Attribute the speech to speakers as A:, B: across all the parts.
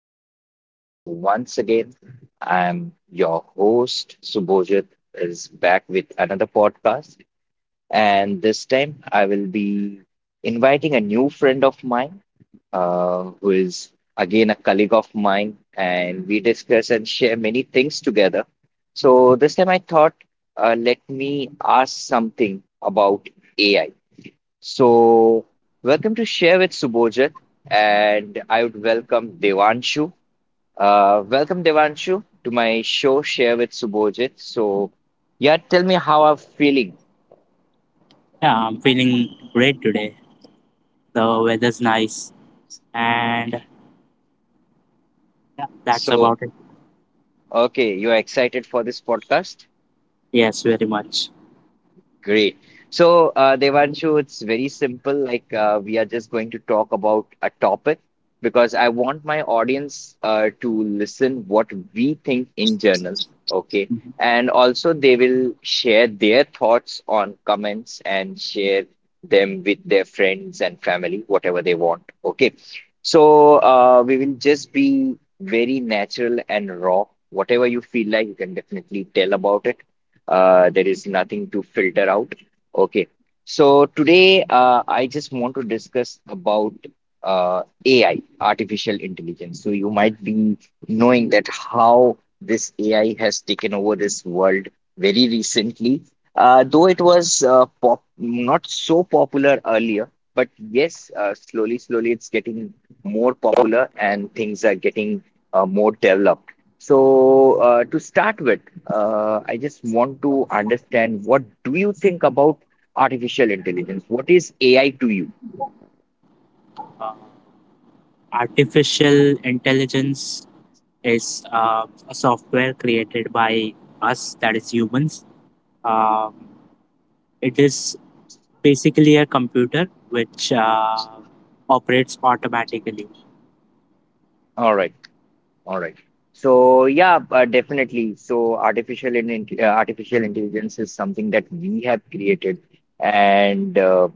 A: audience. So, once again, I'm your host, Subhojit, is back with another podcast. And this time, I will be inviting a new friend of mine, who is again a colleague of mine, and we discuss and share many things together. So, this time, I thought, let me ask something about AI. So, welcome to Share with Subojit, and I would welcome Devanshu. Welcome, Devanshu, to my show Share with Subojit. So, yeah, tell me how I'm feeling.
B: Yeah, I'm feeling great today. The weather's nice, and yeah, that's
A: So,
B: about it.
A: okay, you are excited for this podcast?
B: Yes, very much.
A: Great. So, Devanshu, it's very simple. Like, we are just going to talk about a topic because I want my audience to listen what we think in general. Okay.
B: Mhm.
A: And also, they will share their thoughts on comments and share them with their friends and family, whatever they want. Okay. So, we will just be very natural and raw. Whatever you feel like, you can definitely tell about it. There is nothing to filter out. Okay, so today I just want to discuss about AI, artificial intelligence. So you might be knowing that how this AI has taken over this world very recently. Though it was not so popular earlier, but yes, slowly, slowly it's getting more popular and things are getting more developed. So, to start with, I just want to understand, what do you think about artificial intelligence? What is AI to you?
B: Uh, Artificial intelligence is a software created by us, that is humans. Um, it is basically a computer which operates automatically.
A: All right, all right. So, yeah, definitely. So, artificial intelligence is something that we have created, and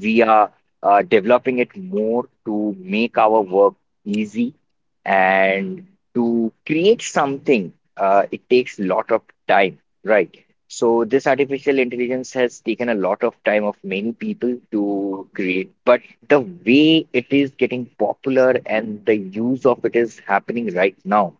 A: we are developing it more to make our work easy and to create something. It takes a lot of time, right? So this artificial intelligence has taken a lot of time of many people to create, but the way it is getting popular and the use of it is happening right now.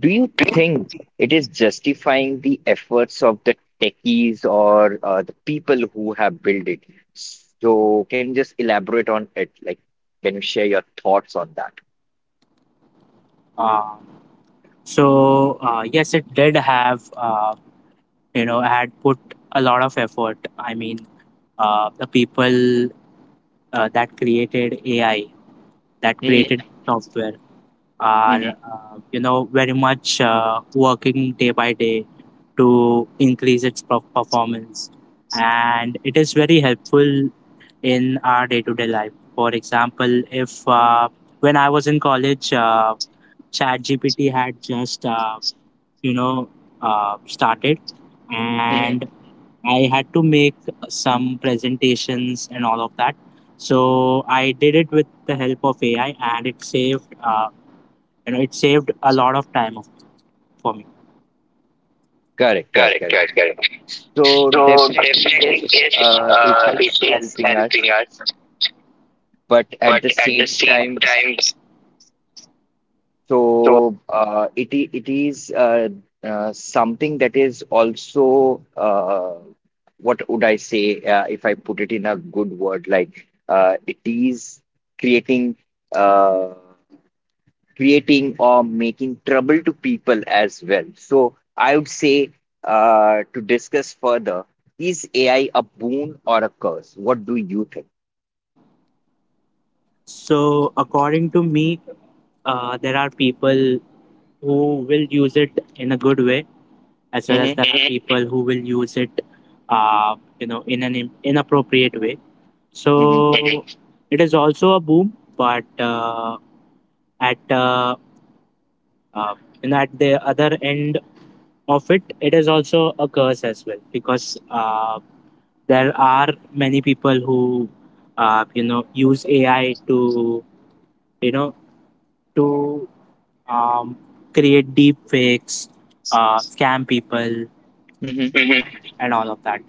A: Do you think it is justifying the efforts of the techies or the people who have built it? So can you just elaborate on it? Like, can you share your thoughts on that?
B: Uh, so yes, it did have you know had put a lot of effort. I mean, the people that created AI, that
A: Mhm,
B: created software, are
A: mhm,
B: very much working day by day to increase its performance, and it is very helpful in our day to day life. For example, if when I was in college, ChatGPT had just you know started,
A: mhm.
B: and I had to make some presentations and all of that. So I did it with the help of AI, and it saved you know it saved a lot of time for me.
A: Correct, correct,
B: Correct,
A: correct.
B: correct, correct.
A: So
B: So
A: definitely
B: definitely
A: yes,
B: yes,
A: it
B: it
A: is
B: is
A: helping us,
B: helping us,
A: but at
B: but
A: the
B: at the
A: same
B: same
A: time,
B: time, so
A: so it is something that is also what would I say, if I put it in a good word, like it is creating. Uh, creating or making trouble to people as well. So I would say, to discuss further, is AI a boon or a curse? What do you think?
B: So. According to me, there are people who will use it in a good way, as well as
A: Mm-hmm,
B: there are people who will use it, in an inappropriate way. So
A: mm-hmm,
B: it is also a boom, but at uh, uh, at the other end of it, it is also a curse as well, because there are many people who use AI to you know to um, create deep fakes, scam people,
A: mm-hmm.
B: Mhm. and all of that.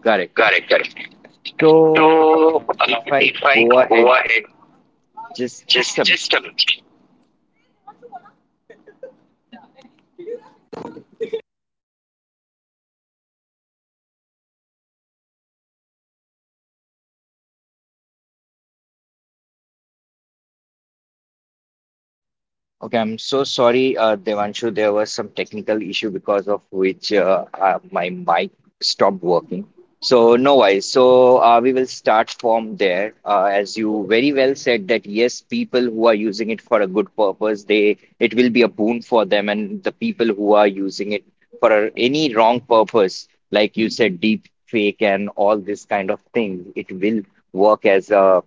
A: Correct, correct.
B: Correct, correct.
A: So
B: So
A: if I
B: if I
A: go ahead,
B: go ahead,
A: just
B: just
A: a.
B: just a minute.
A: Okay, I'm so sorry, Devanshu. There was some technical issue because of which my mic stopped working. So no worries. So we will start from there. As you very well said that yes, people who are using it for a good purpose, they it will be a boon for them, and the people who are using it for any wrong purpose, like you said, deep fake and all this kind of thing, it will work as a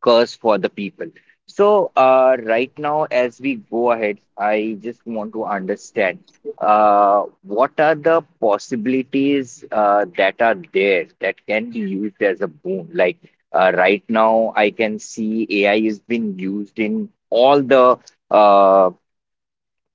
A: curse for the people. So, right now, as we go ahead, I just want to understand what are the possibilities that are there that can be used as a boon? Like right now, I can see AI is being used in all the uh,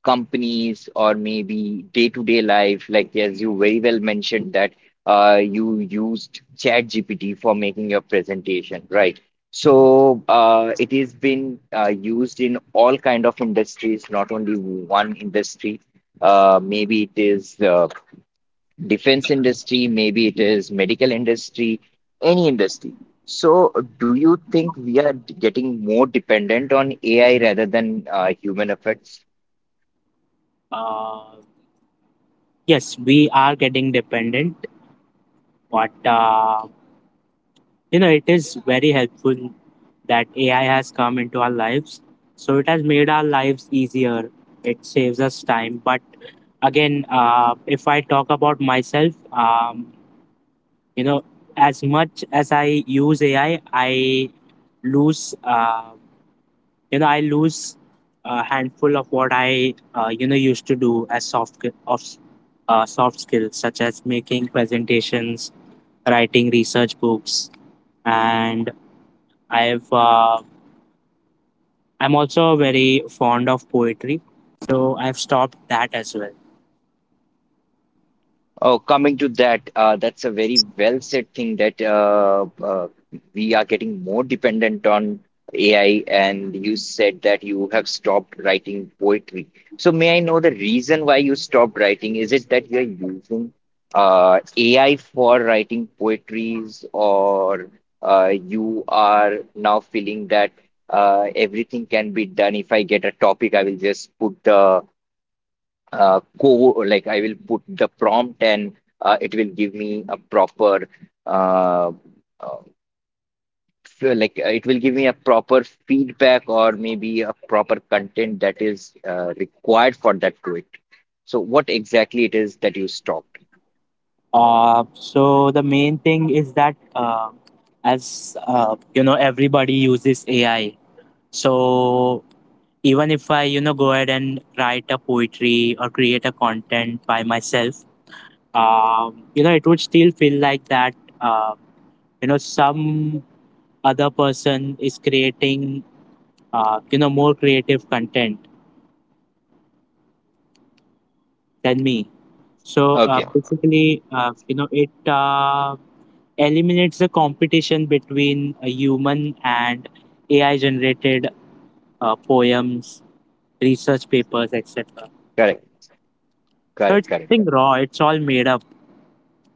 A: companies or maybe day-to-day life, like as you very well mentioned that you used ChatGPT for making your presentation, right? So it has been used in all kind of industries, not only one industry. Uh, maybe it is defense industry, maybe it is medical industry, any industry. So do you think we are getting more dependent on AI rather than human efforts?
B: Uh, Yes, we are getting dependent, but it is very helpful that AI has come into our lives. So it has made our lives easier. It saves us time. But again, if I talk about myself, you know, as much as I use AI, lose, uh, I lose a handful of what I, used to do as soft skills, such as making presentations, writing research books, and I've uh, I'm also very fond of poetry, so I've stopped that as well.
A: Oh, coming to that, that's a very well said thing, that we are getting more dependent on AI, and you said that you have stopped writing poetry. So, may I know the reason why you stopped writing? Is it that you're using AI for writing poetries, or you are now feeling that everything can be done? If I get a topic, I will just put the go like I will put the prompt and it will give me a proper uh, uh, it will give me a proper feedback or maybe a proper content that is required for that quit. So what exactly it is that you stopped?
B: So the main thing is that, as everybody uses AI, so even if I go ahead and write a poetry or create a content by myself, it would still feel like that. Uh, some other person is creating more creative content than me, so uh,
A: Okay,
B: basically uh, you know it uh, eliminates the competition between a human and ai generated poems, research papers,
A: correct,
B: etc.
A: correct,
B: So
A: correct.
B: it's
A: Correct.
B: nothing raw, it's all made up.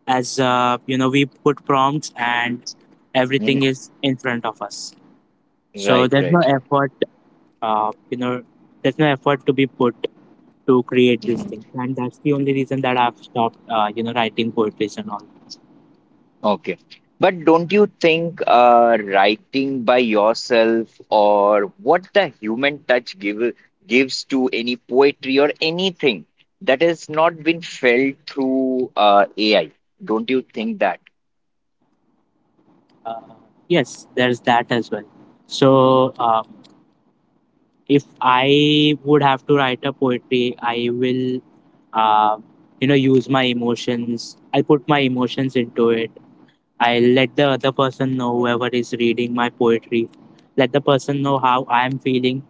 B: As we put prompts and everything
A: Mhm.
B: is in front of us, so
A: Right, right, right.
B: uh, you know there's no effort to be put to create this
A: Mm-hmm.
B: thing. And that's the only reason that I've stopped, writing poetries and all.
A: Okay. But don't you think writing by yourself or what the human gives to any poetry or anything, that has not been felt through AI? Don't you think that?
B: uh, yes, there's that as well. So if I would have to write a poetry, I will uh, use my emotions, I'll put my emotions into it. I'll let the other person know, whoever is reading my poetry, let the person know how I am feeling.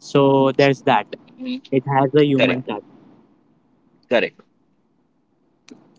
B: So there's that, it has a human
A: Correct.
B: touch.
A: Correct.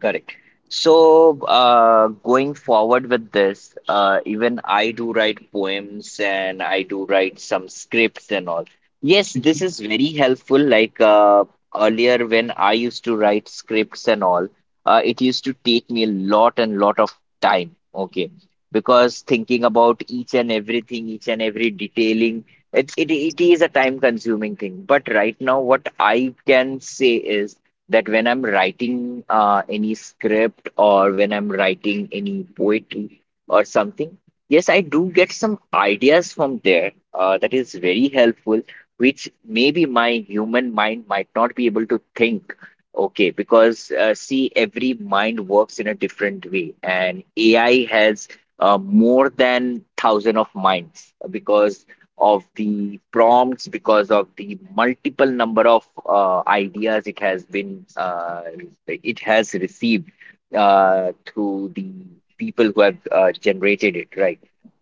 A: Correct. So, going forward with this, even I do write poems and I do write some scripts and all. Yes, this
B: Mhm.
A: is very helpful. Like earlier, when I used to write scripts and all, it used to take me a lot and lot of time. Okay, because thinking about each and everything, each and every detailing, it is a time-consuming thing. But right now, what I can say is that when I'm writing any script or when I'm writing any poetry or something, yes, I do get some ideas from there that is very helpful, which maybe my human mind might not be able to think. Okay, because see, every mind works in a different way, and AI has more than thousand of minds because of the prompts, because of the multiple number of ideas it has been it has received through the people who have generated it, right?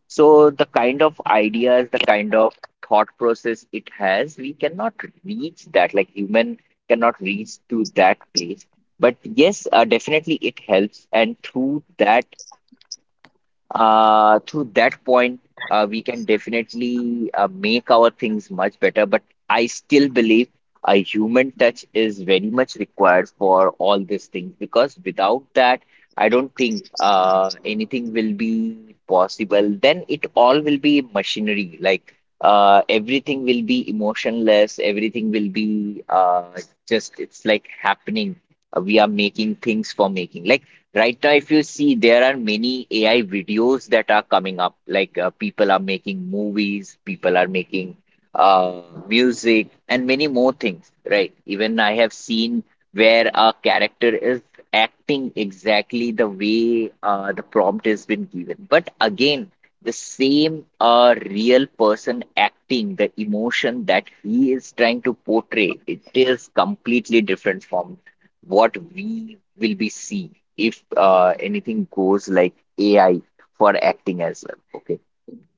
A: So the kind of ideas, the kind of thought process it has, we cannot reach that, like human cannot reach to that place. But yes, definitely it helps, and through that, through that point, we can definitely make our things much better, but I still believe a human touch is very much required for all these things, because without that, I don't think anything will be possible. Then it all will be machinery, like everything will be emotionless, everything will be just, it's like happening. We are making things for making. Like, right now, if you see, there are many AI videos that are coming up. Like people are making movies, people are making uh, music, and many more things, right? Even I have seen where a character is acting exactly the way the prompt has been given. But again, the same real person acting, the emotion that he is trying to portray, it is completely different from what we will be seeing if anything goes like AI for acting as well. Okay.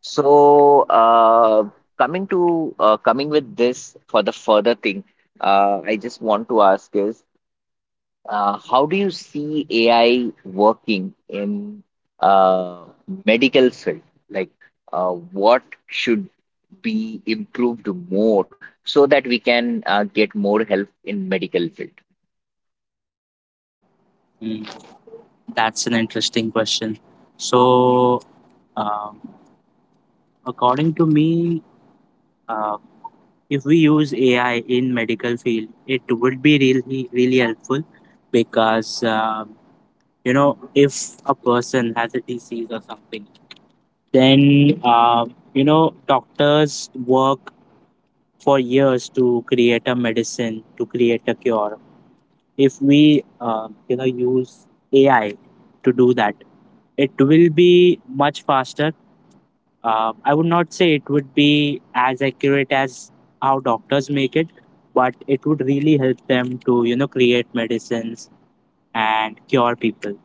A: So coming with this for the further thing, I just want to ask is how do you see AI working in uh, medical field? Like what should be improved more so that we can get more help in medical field?
B: Mm, that's an interesting question. So, Um, according to me, uh, if we use AI in medical field, it would be really really helpful, because if a person has a disease or something, then doctors work for years to create a medicine, to create a cure. If we use AI to do that, it will be much faster. I would not say it would be as accurate as how doctors make it, but it would really help them to, create medicines and cure people.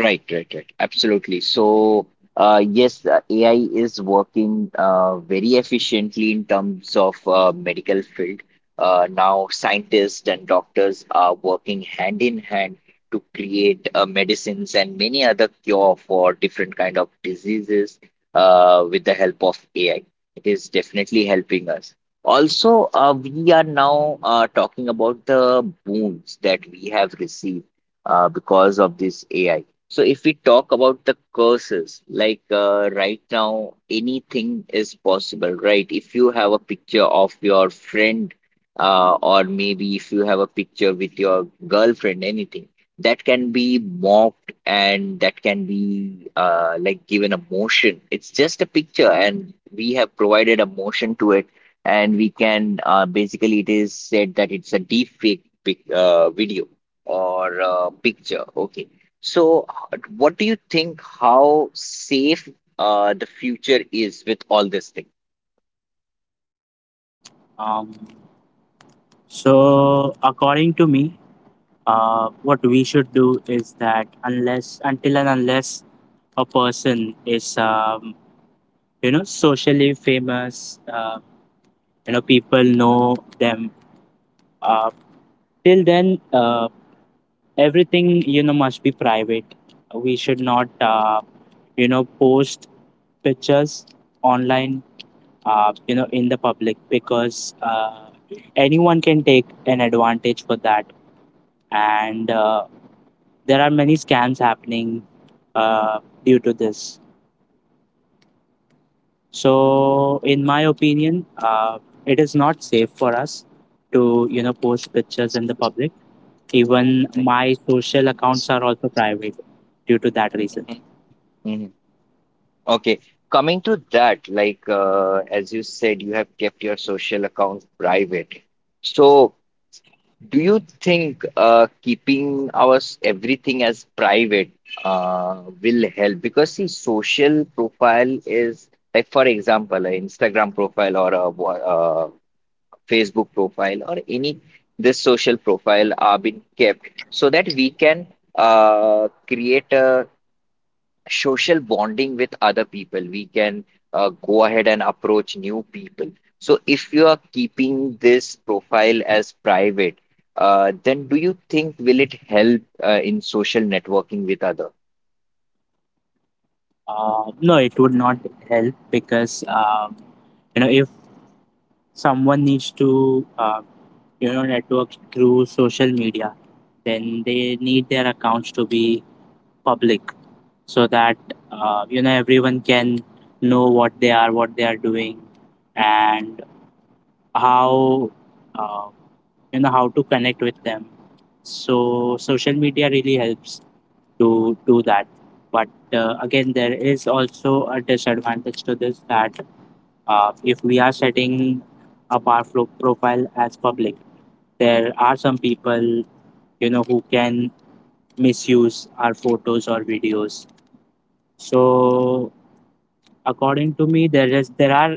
A: Right, right, right. Absolutely. So, yes, AI is working very efficiently in terms of medical field. Now, scientists and doctors are working hand in hand to create medicines and many other cure for different kind of diseases with the help of AI. It is definitely helping us. Also, we are now talking about the boons that we have received because of this AI. So if we talk about the curses, like right now, anything is possible, right? If you have a picture of your friend, or maybe if you have a picture with your girlfriend, anything that can be mocked and that can be like given a motion. It's just a picture, and we have provided a motion to it, and we can basically, it is said that it's a deep fake video or a picture. Okay. So, what do you think, how safe the future is with all this thing?
B: Um, so, according to me, what we should do is that, unless, until and unless a person is, socially famous, people know them, uh, till then, everything, must be private. We should not post pictures online, in the public, because anyone can take an advantage for that. And there are many scams happening uh, due to this. So in my opinion, it is not safe for us to post pictures in the public. Even
A: Right.
B: my social accounts are also private due to that reason.
A: Mhm, mhm. Okay. Coming to that, like as you said, you have kept your social account private. So, do you think keeping our everything as private uh, will help? Because see, social profile is like, for example, an Instagram profile or a Facebook profile or any, this social profile are being kept so that we can create a social bonding with other people. We can go ahead and approach new people. So if you are keeping this profile as private, then do you think will it help in social networking with other?
B: No, it would not help, because if someone needs to network through social media, then they need their accounts to be public, so that everyone can know what they are doing and how uh, how to connect with them. So social media really helps to do that. But again, there is also a disadvantage to this, that if we are setting up our profile as public, there are some people who can misuse our photos or videos. So according to me, there are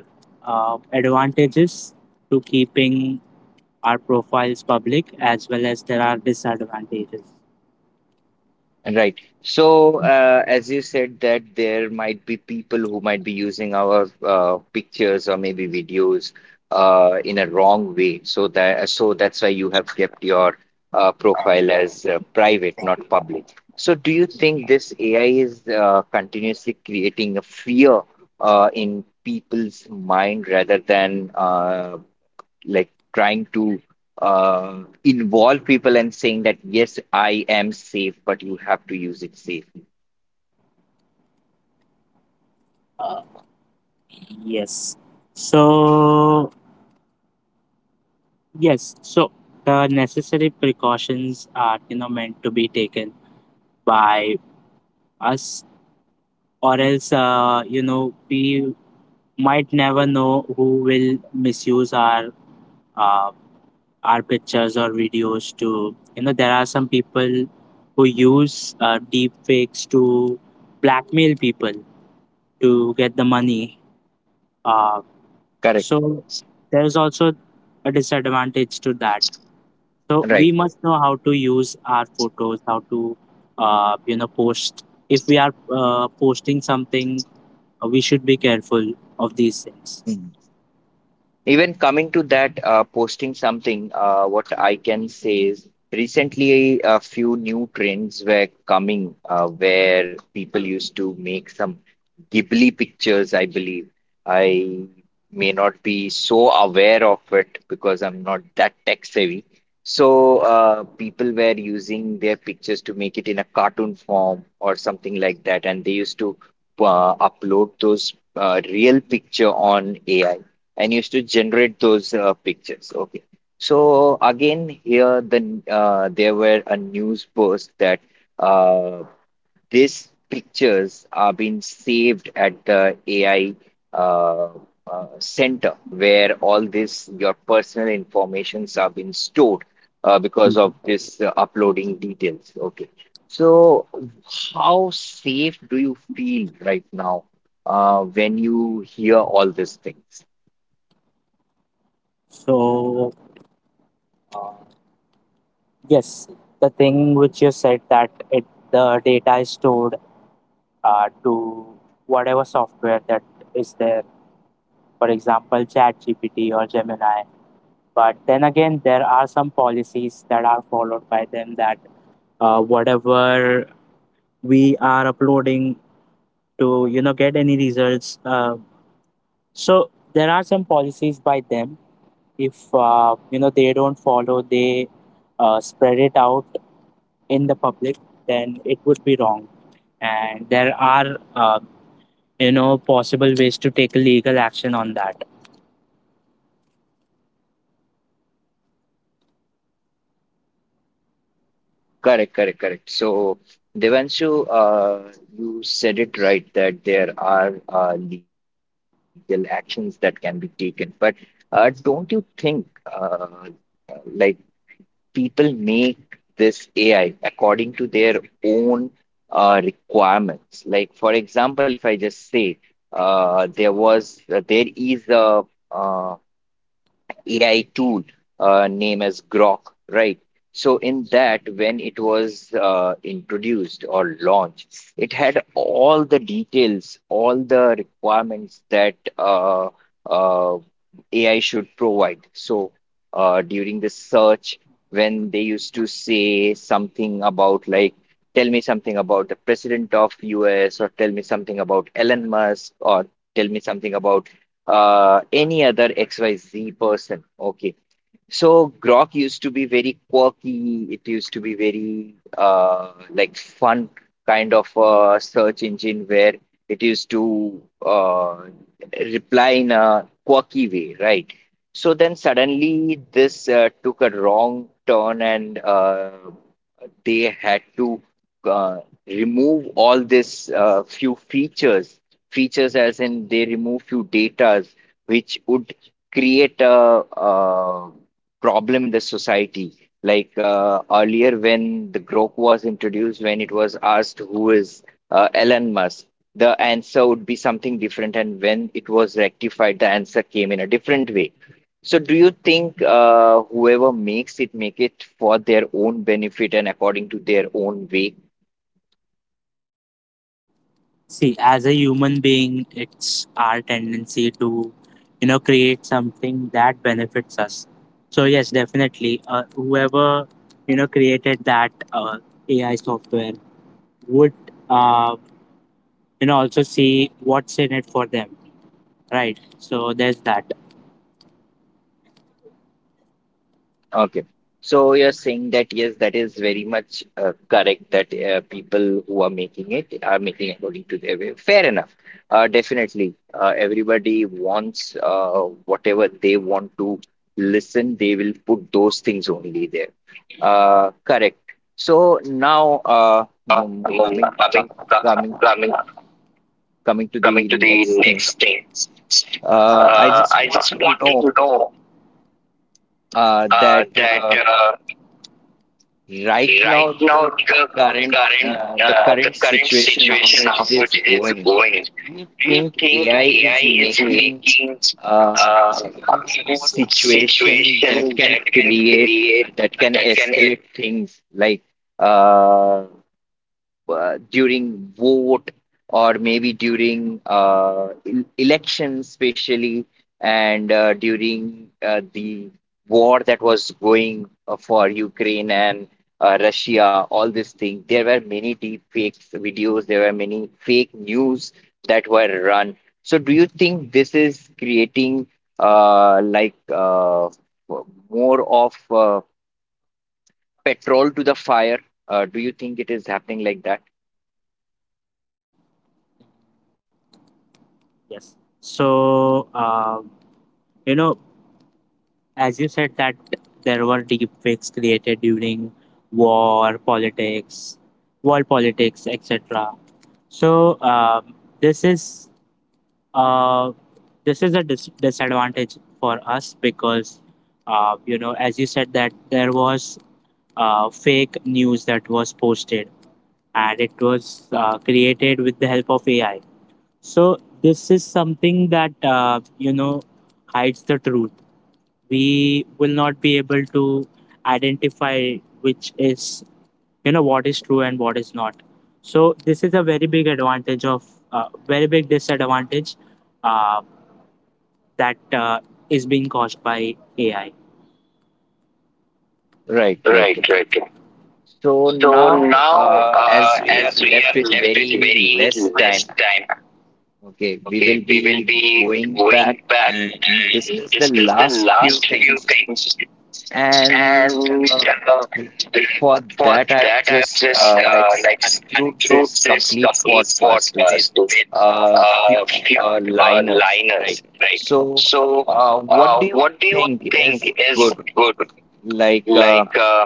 B: advantages to keeping our profiles public, as well as there are disadvantages.
A: Right. So, as you said that there might be people who might be using our pictures or maybe videos in a wrong way. So that's why you have kept your profile as private, not public. So, do you think this AI is continuously creating a fear in people's mind rather than like trying to uh, involve people and saying that yes, I am safe, but you have to use it safely.
B: Yes. So yes. So the necessary precautions are meant to be taken by us, or else we might never know who will misuse uh, our pictures or videos. To you know There are some people who use deep fakes to blackmail people, to get the money. uh,
A: Correct.
B: so there's also a disadvantage to that. So we
A: Right.
B: must know how to use our photos, how to post. If we are posting something, we should be careful of these things.
A: Hmm. Even coming to that, posting something, what I can say is recently a few new trends were coming where people used to make some Ghibli pictures, I believe. I may not be so aware of it because I'm not that tech savvy. So people were using their pictures to make it in a cartoon form or something like that, and they used to upload those real picture on AI and used to generate those pictures. Okay. So again, here the there were a news post that uh, these pictures are being saved at the AI uh, center where all this your personal informations are being stored because
B: Mhm.
A: of this uploading details. Okay. So how safe do you feel right now when you hear all these things?
B: So yes, the thing which you said, that it the data is stored, to whatever software that is there, for example, ChatGPT or Gemini. But then again, there are some policies that are followed by them, that whatever we are uploading to get any results. So there are some policies by them. If they don't follow, they spread it out in the public, then it would be wrong. And there are, possible ways to take legal action on that.
A: Correct, correct, correct. So, Devanshu, you said it right that there are legal actions that can be taken. But don't you think uh, like people make this AI according to their own requirements? Like, for example, if I just say there is a uh, AI tool named as Grok, right? So in that, when it was introduced or launched, it had all the details, all the requirements that uh, AI should provide. So during the search, when they used to say something about like, tell me something about the president of US, or tell me something about Elon Musk, or tell me something about any other XYZ person. Okay. So Grok used to be very quirky. It used to be very fun kind of a search engine where it used to reply in a quirky way, right? So then suddenly this took a wrong turn and they had to uh, remove all this features as in they remove few datas which would create a, uh problem in the society. Like earlier when the Grok was introduced, when it was asked who is Elon Musk, the answer would be something different, and when it was rectified, the answer came in a different way. So do you think whoever makes it make it for their own benefit and according to their own way?
B: See, as a human being, it's our tendency to, create something that benefits us. So yes, definitely, whoever created that AI software would uh, also see what's in it for them, right? So there's that.
A: Okay. So you're saying that yes, that is very much correct that people who are making it are making according to their way. Fair enough. Definitely. Everybody wants whatever they want to listen, they will put those things only there. Correct. So now mm,
B: No,
A: coming
B: nothing,
A: co- coming
B: nothing,
A: coming to
B: coming
A: the
B: to the
A: next thing.
B: next thing.
A: I just
B: I
A: want
B: just
A: to
B: wanted to
A: know
B: know uh,
A: that
B: that uh,
A: right now
B: right now the
A: current
B: current
A: the current
B: current
A: situation how
B: situation,
A: it
B: how
A: is
B: it is
A: going.
B: going.
A: Do you
B: Do you
A: think
B: think
A: AI is
B: AI is
A: making
B: making
A: uh, more
B: a
A: situation that
B: situation
A: can
B: that can
A: create
B: create,
A: that can
B: that can.
A: escalate things like uh, during vote or maybe during elections, especially, and during the war that was going for Ukraine and Russia, all these things. There were many deep fakes videos, there were many fake news that were run. So, do you think this is creating uh, like uh, more of petrol to the fire? Do you think it is happening like that?
B: Yes. So, you know, as you said that there were deepfakes created during war politics, world politics, etc. So this is uh, this is a disadvantage for us, because as you said that there was fake news that was posted and it was created with the help of ai. So this is something that hides the truth. We will not be able to identify which is, what is true and what is not. So this is a very big advantage of very big disadvantage uh, that is being caused by ai.
A: Right, right.
B: Right, right. Right.
A: So
B: So
A: now,
B: now,
A: as we are
B: as we
A: left
B: are
A: with
B: left with
A: very
B: very
A: less
B: less
A: time,
B: time,
A: okay, we will
B: okay, we will
A: be
B: be
A: going back
B: going back
A: and
B: and
A: discuss the
B: discuss the
A: last few
B: last few
A: things.
B: things.
A: And
B: And
A: uh, for
B: for
A: that, I
B: that,
A: would
B: I
A: just
B: just
A: like to
B: like
A: conclude
B: include
A: this
B: this
A: complete
B: complete
A: podcast with
B: podcast to get
A: a few
B: few
A: liners, right?
B: liners, right?
A: So,
B: So,
A: what do you
B: what do you
A: think is
B: think is
A: good?
B: good?
A: Like,
B: Like,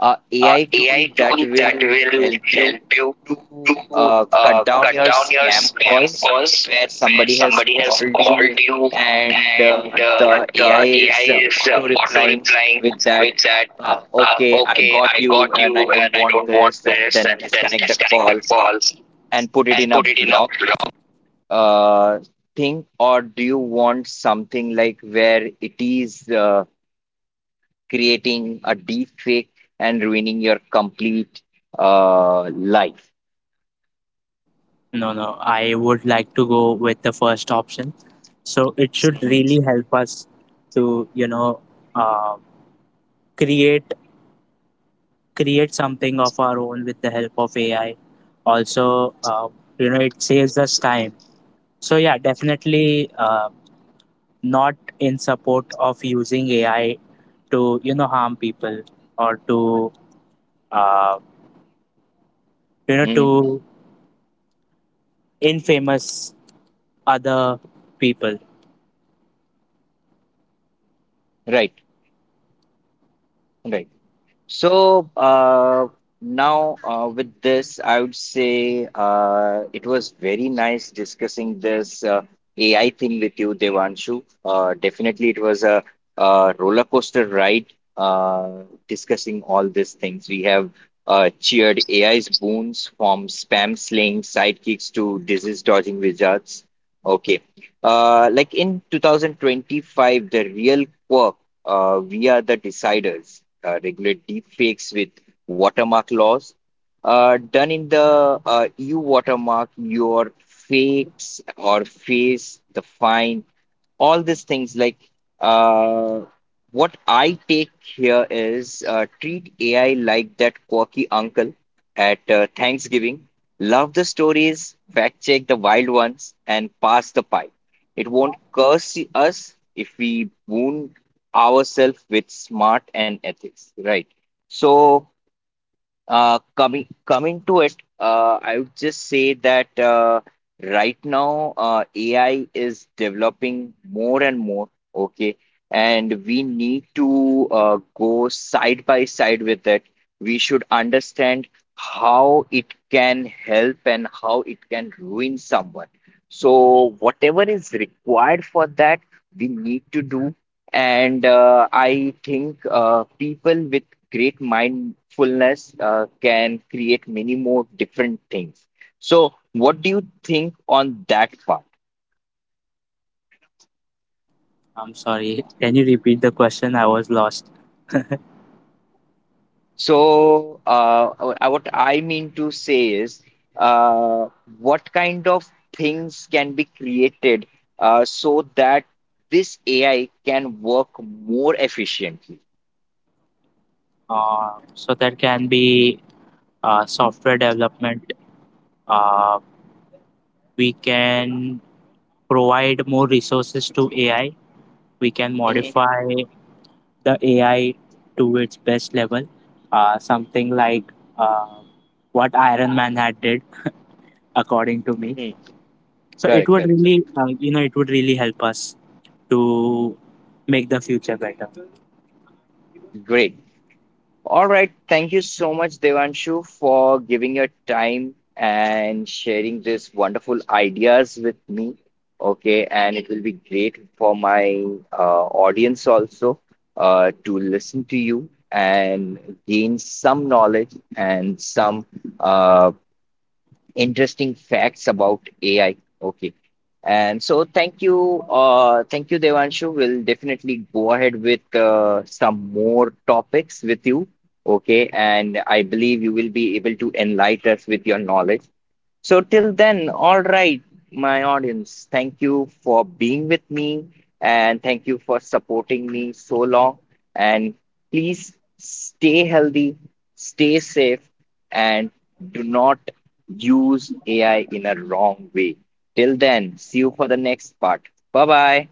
A: a AI tool
B: AI
A: that
B: tool that
A: will
B: will
A: help you
B: help you
A: to
B: to
A: cut down
B: cut
A: your
B: down your
A: spam
B: spam
A: calls
B: calls,
A: where
B: where
A: somebody has
B: somebody has
A: called you
B: called you
A: and
B: and
A: the
B: the
A: AI is
B: AI is
A: auto
B: auto
A: replying
B: replying
A: with that,
B: with that,
A: okay, I
B: okay,
A: got
B: I got
A: you and I
B: you
A: don't
B: and I
A: want
B: don't want
A: this, and
B: this,
A: then
B: and then
A: disconnect the
B: disconnect the
A: call
B: calls
A: and put it
B: and
A: in a
B: put it in a
A: block
B: block?
A: uh, thing? Or do you want something like where it is creating a deep fake and ruining your complete uh, life.
B: No, no, I would like to go with the first option. So it should
A: Mhm.
B: really help us to, uh, create create something of our own with the help of AI. Also, it saves us time. So yeah, definitely not in support of using AI to harm people, or to uh, you know
A: Mhm.
B: to infamous other people.
A: Right, right. So now with this, I would say it was very nice discussing this AI thing with you, Devanshu. Definitely, it was a, roller coaster ride uh, discussing all these things. We have cheered AI's boons from spam slaying sidekicks to disease dodging wizards. Okay. Like in 2025, the real quirk, we are the deciders, regulate deepfakes with watermark laws. Done in the EU watermark, your fakes or face the fine, all these things. Like uh, what I take here is treat AI like that quirky uncle at Thanksgiving. Love the stories, fact check the wild ones, and pass the pie. It won't curse us if we wound ourselves with smart and ethics, right? So coming coming to it, I would just say that right now AI is developing more and more, okay, and we need to go side by side with it. We should understand how it can help and how it can ruin someone. So whatever is required for that, we need to do. And I think people with great mindfulness can create many more different things. So, what do you think on that part?
B: I'm sorry. Can you repeat the question? I was lost.
A: So, what I mean to say is, uh, what kind of things can be created so that this AI can work more efficiently?
B: So that can be software development. Uh, we can provide more resources to AI, we can
A: Mhm,
B: modify the AI to its best level. Something like uh, what Iron Man had did, according to me.
A: mhm.
B: So it
A: Correct,
B: would
A: correct, correct.
B: really, uh, you know, it would really help us to make the future better.
A: Great. All right. Thank you so much, Devanshu, for giving your time and sharing these wonderful ideas with me. Okay. And it will be great for my audience also to listen to you and gain some knowledge and some uh, interesting facts about AI. Okay. And so thank you, Devanshu. We'll definitely go ahead with some more topics with you. Okay. And I believe you will be able to enlighten us with your knowledge. So, till then, all right, my audience, thank you for being with me and thank you for supporting me so long. And please stay healthy, stay safe, and do not use AI in a wrong way. Till then, see you for the next part. Bye bye.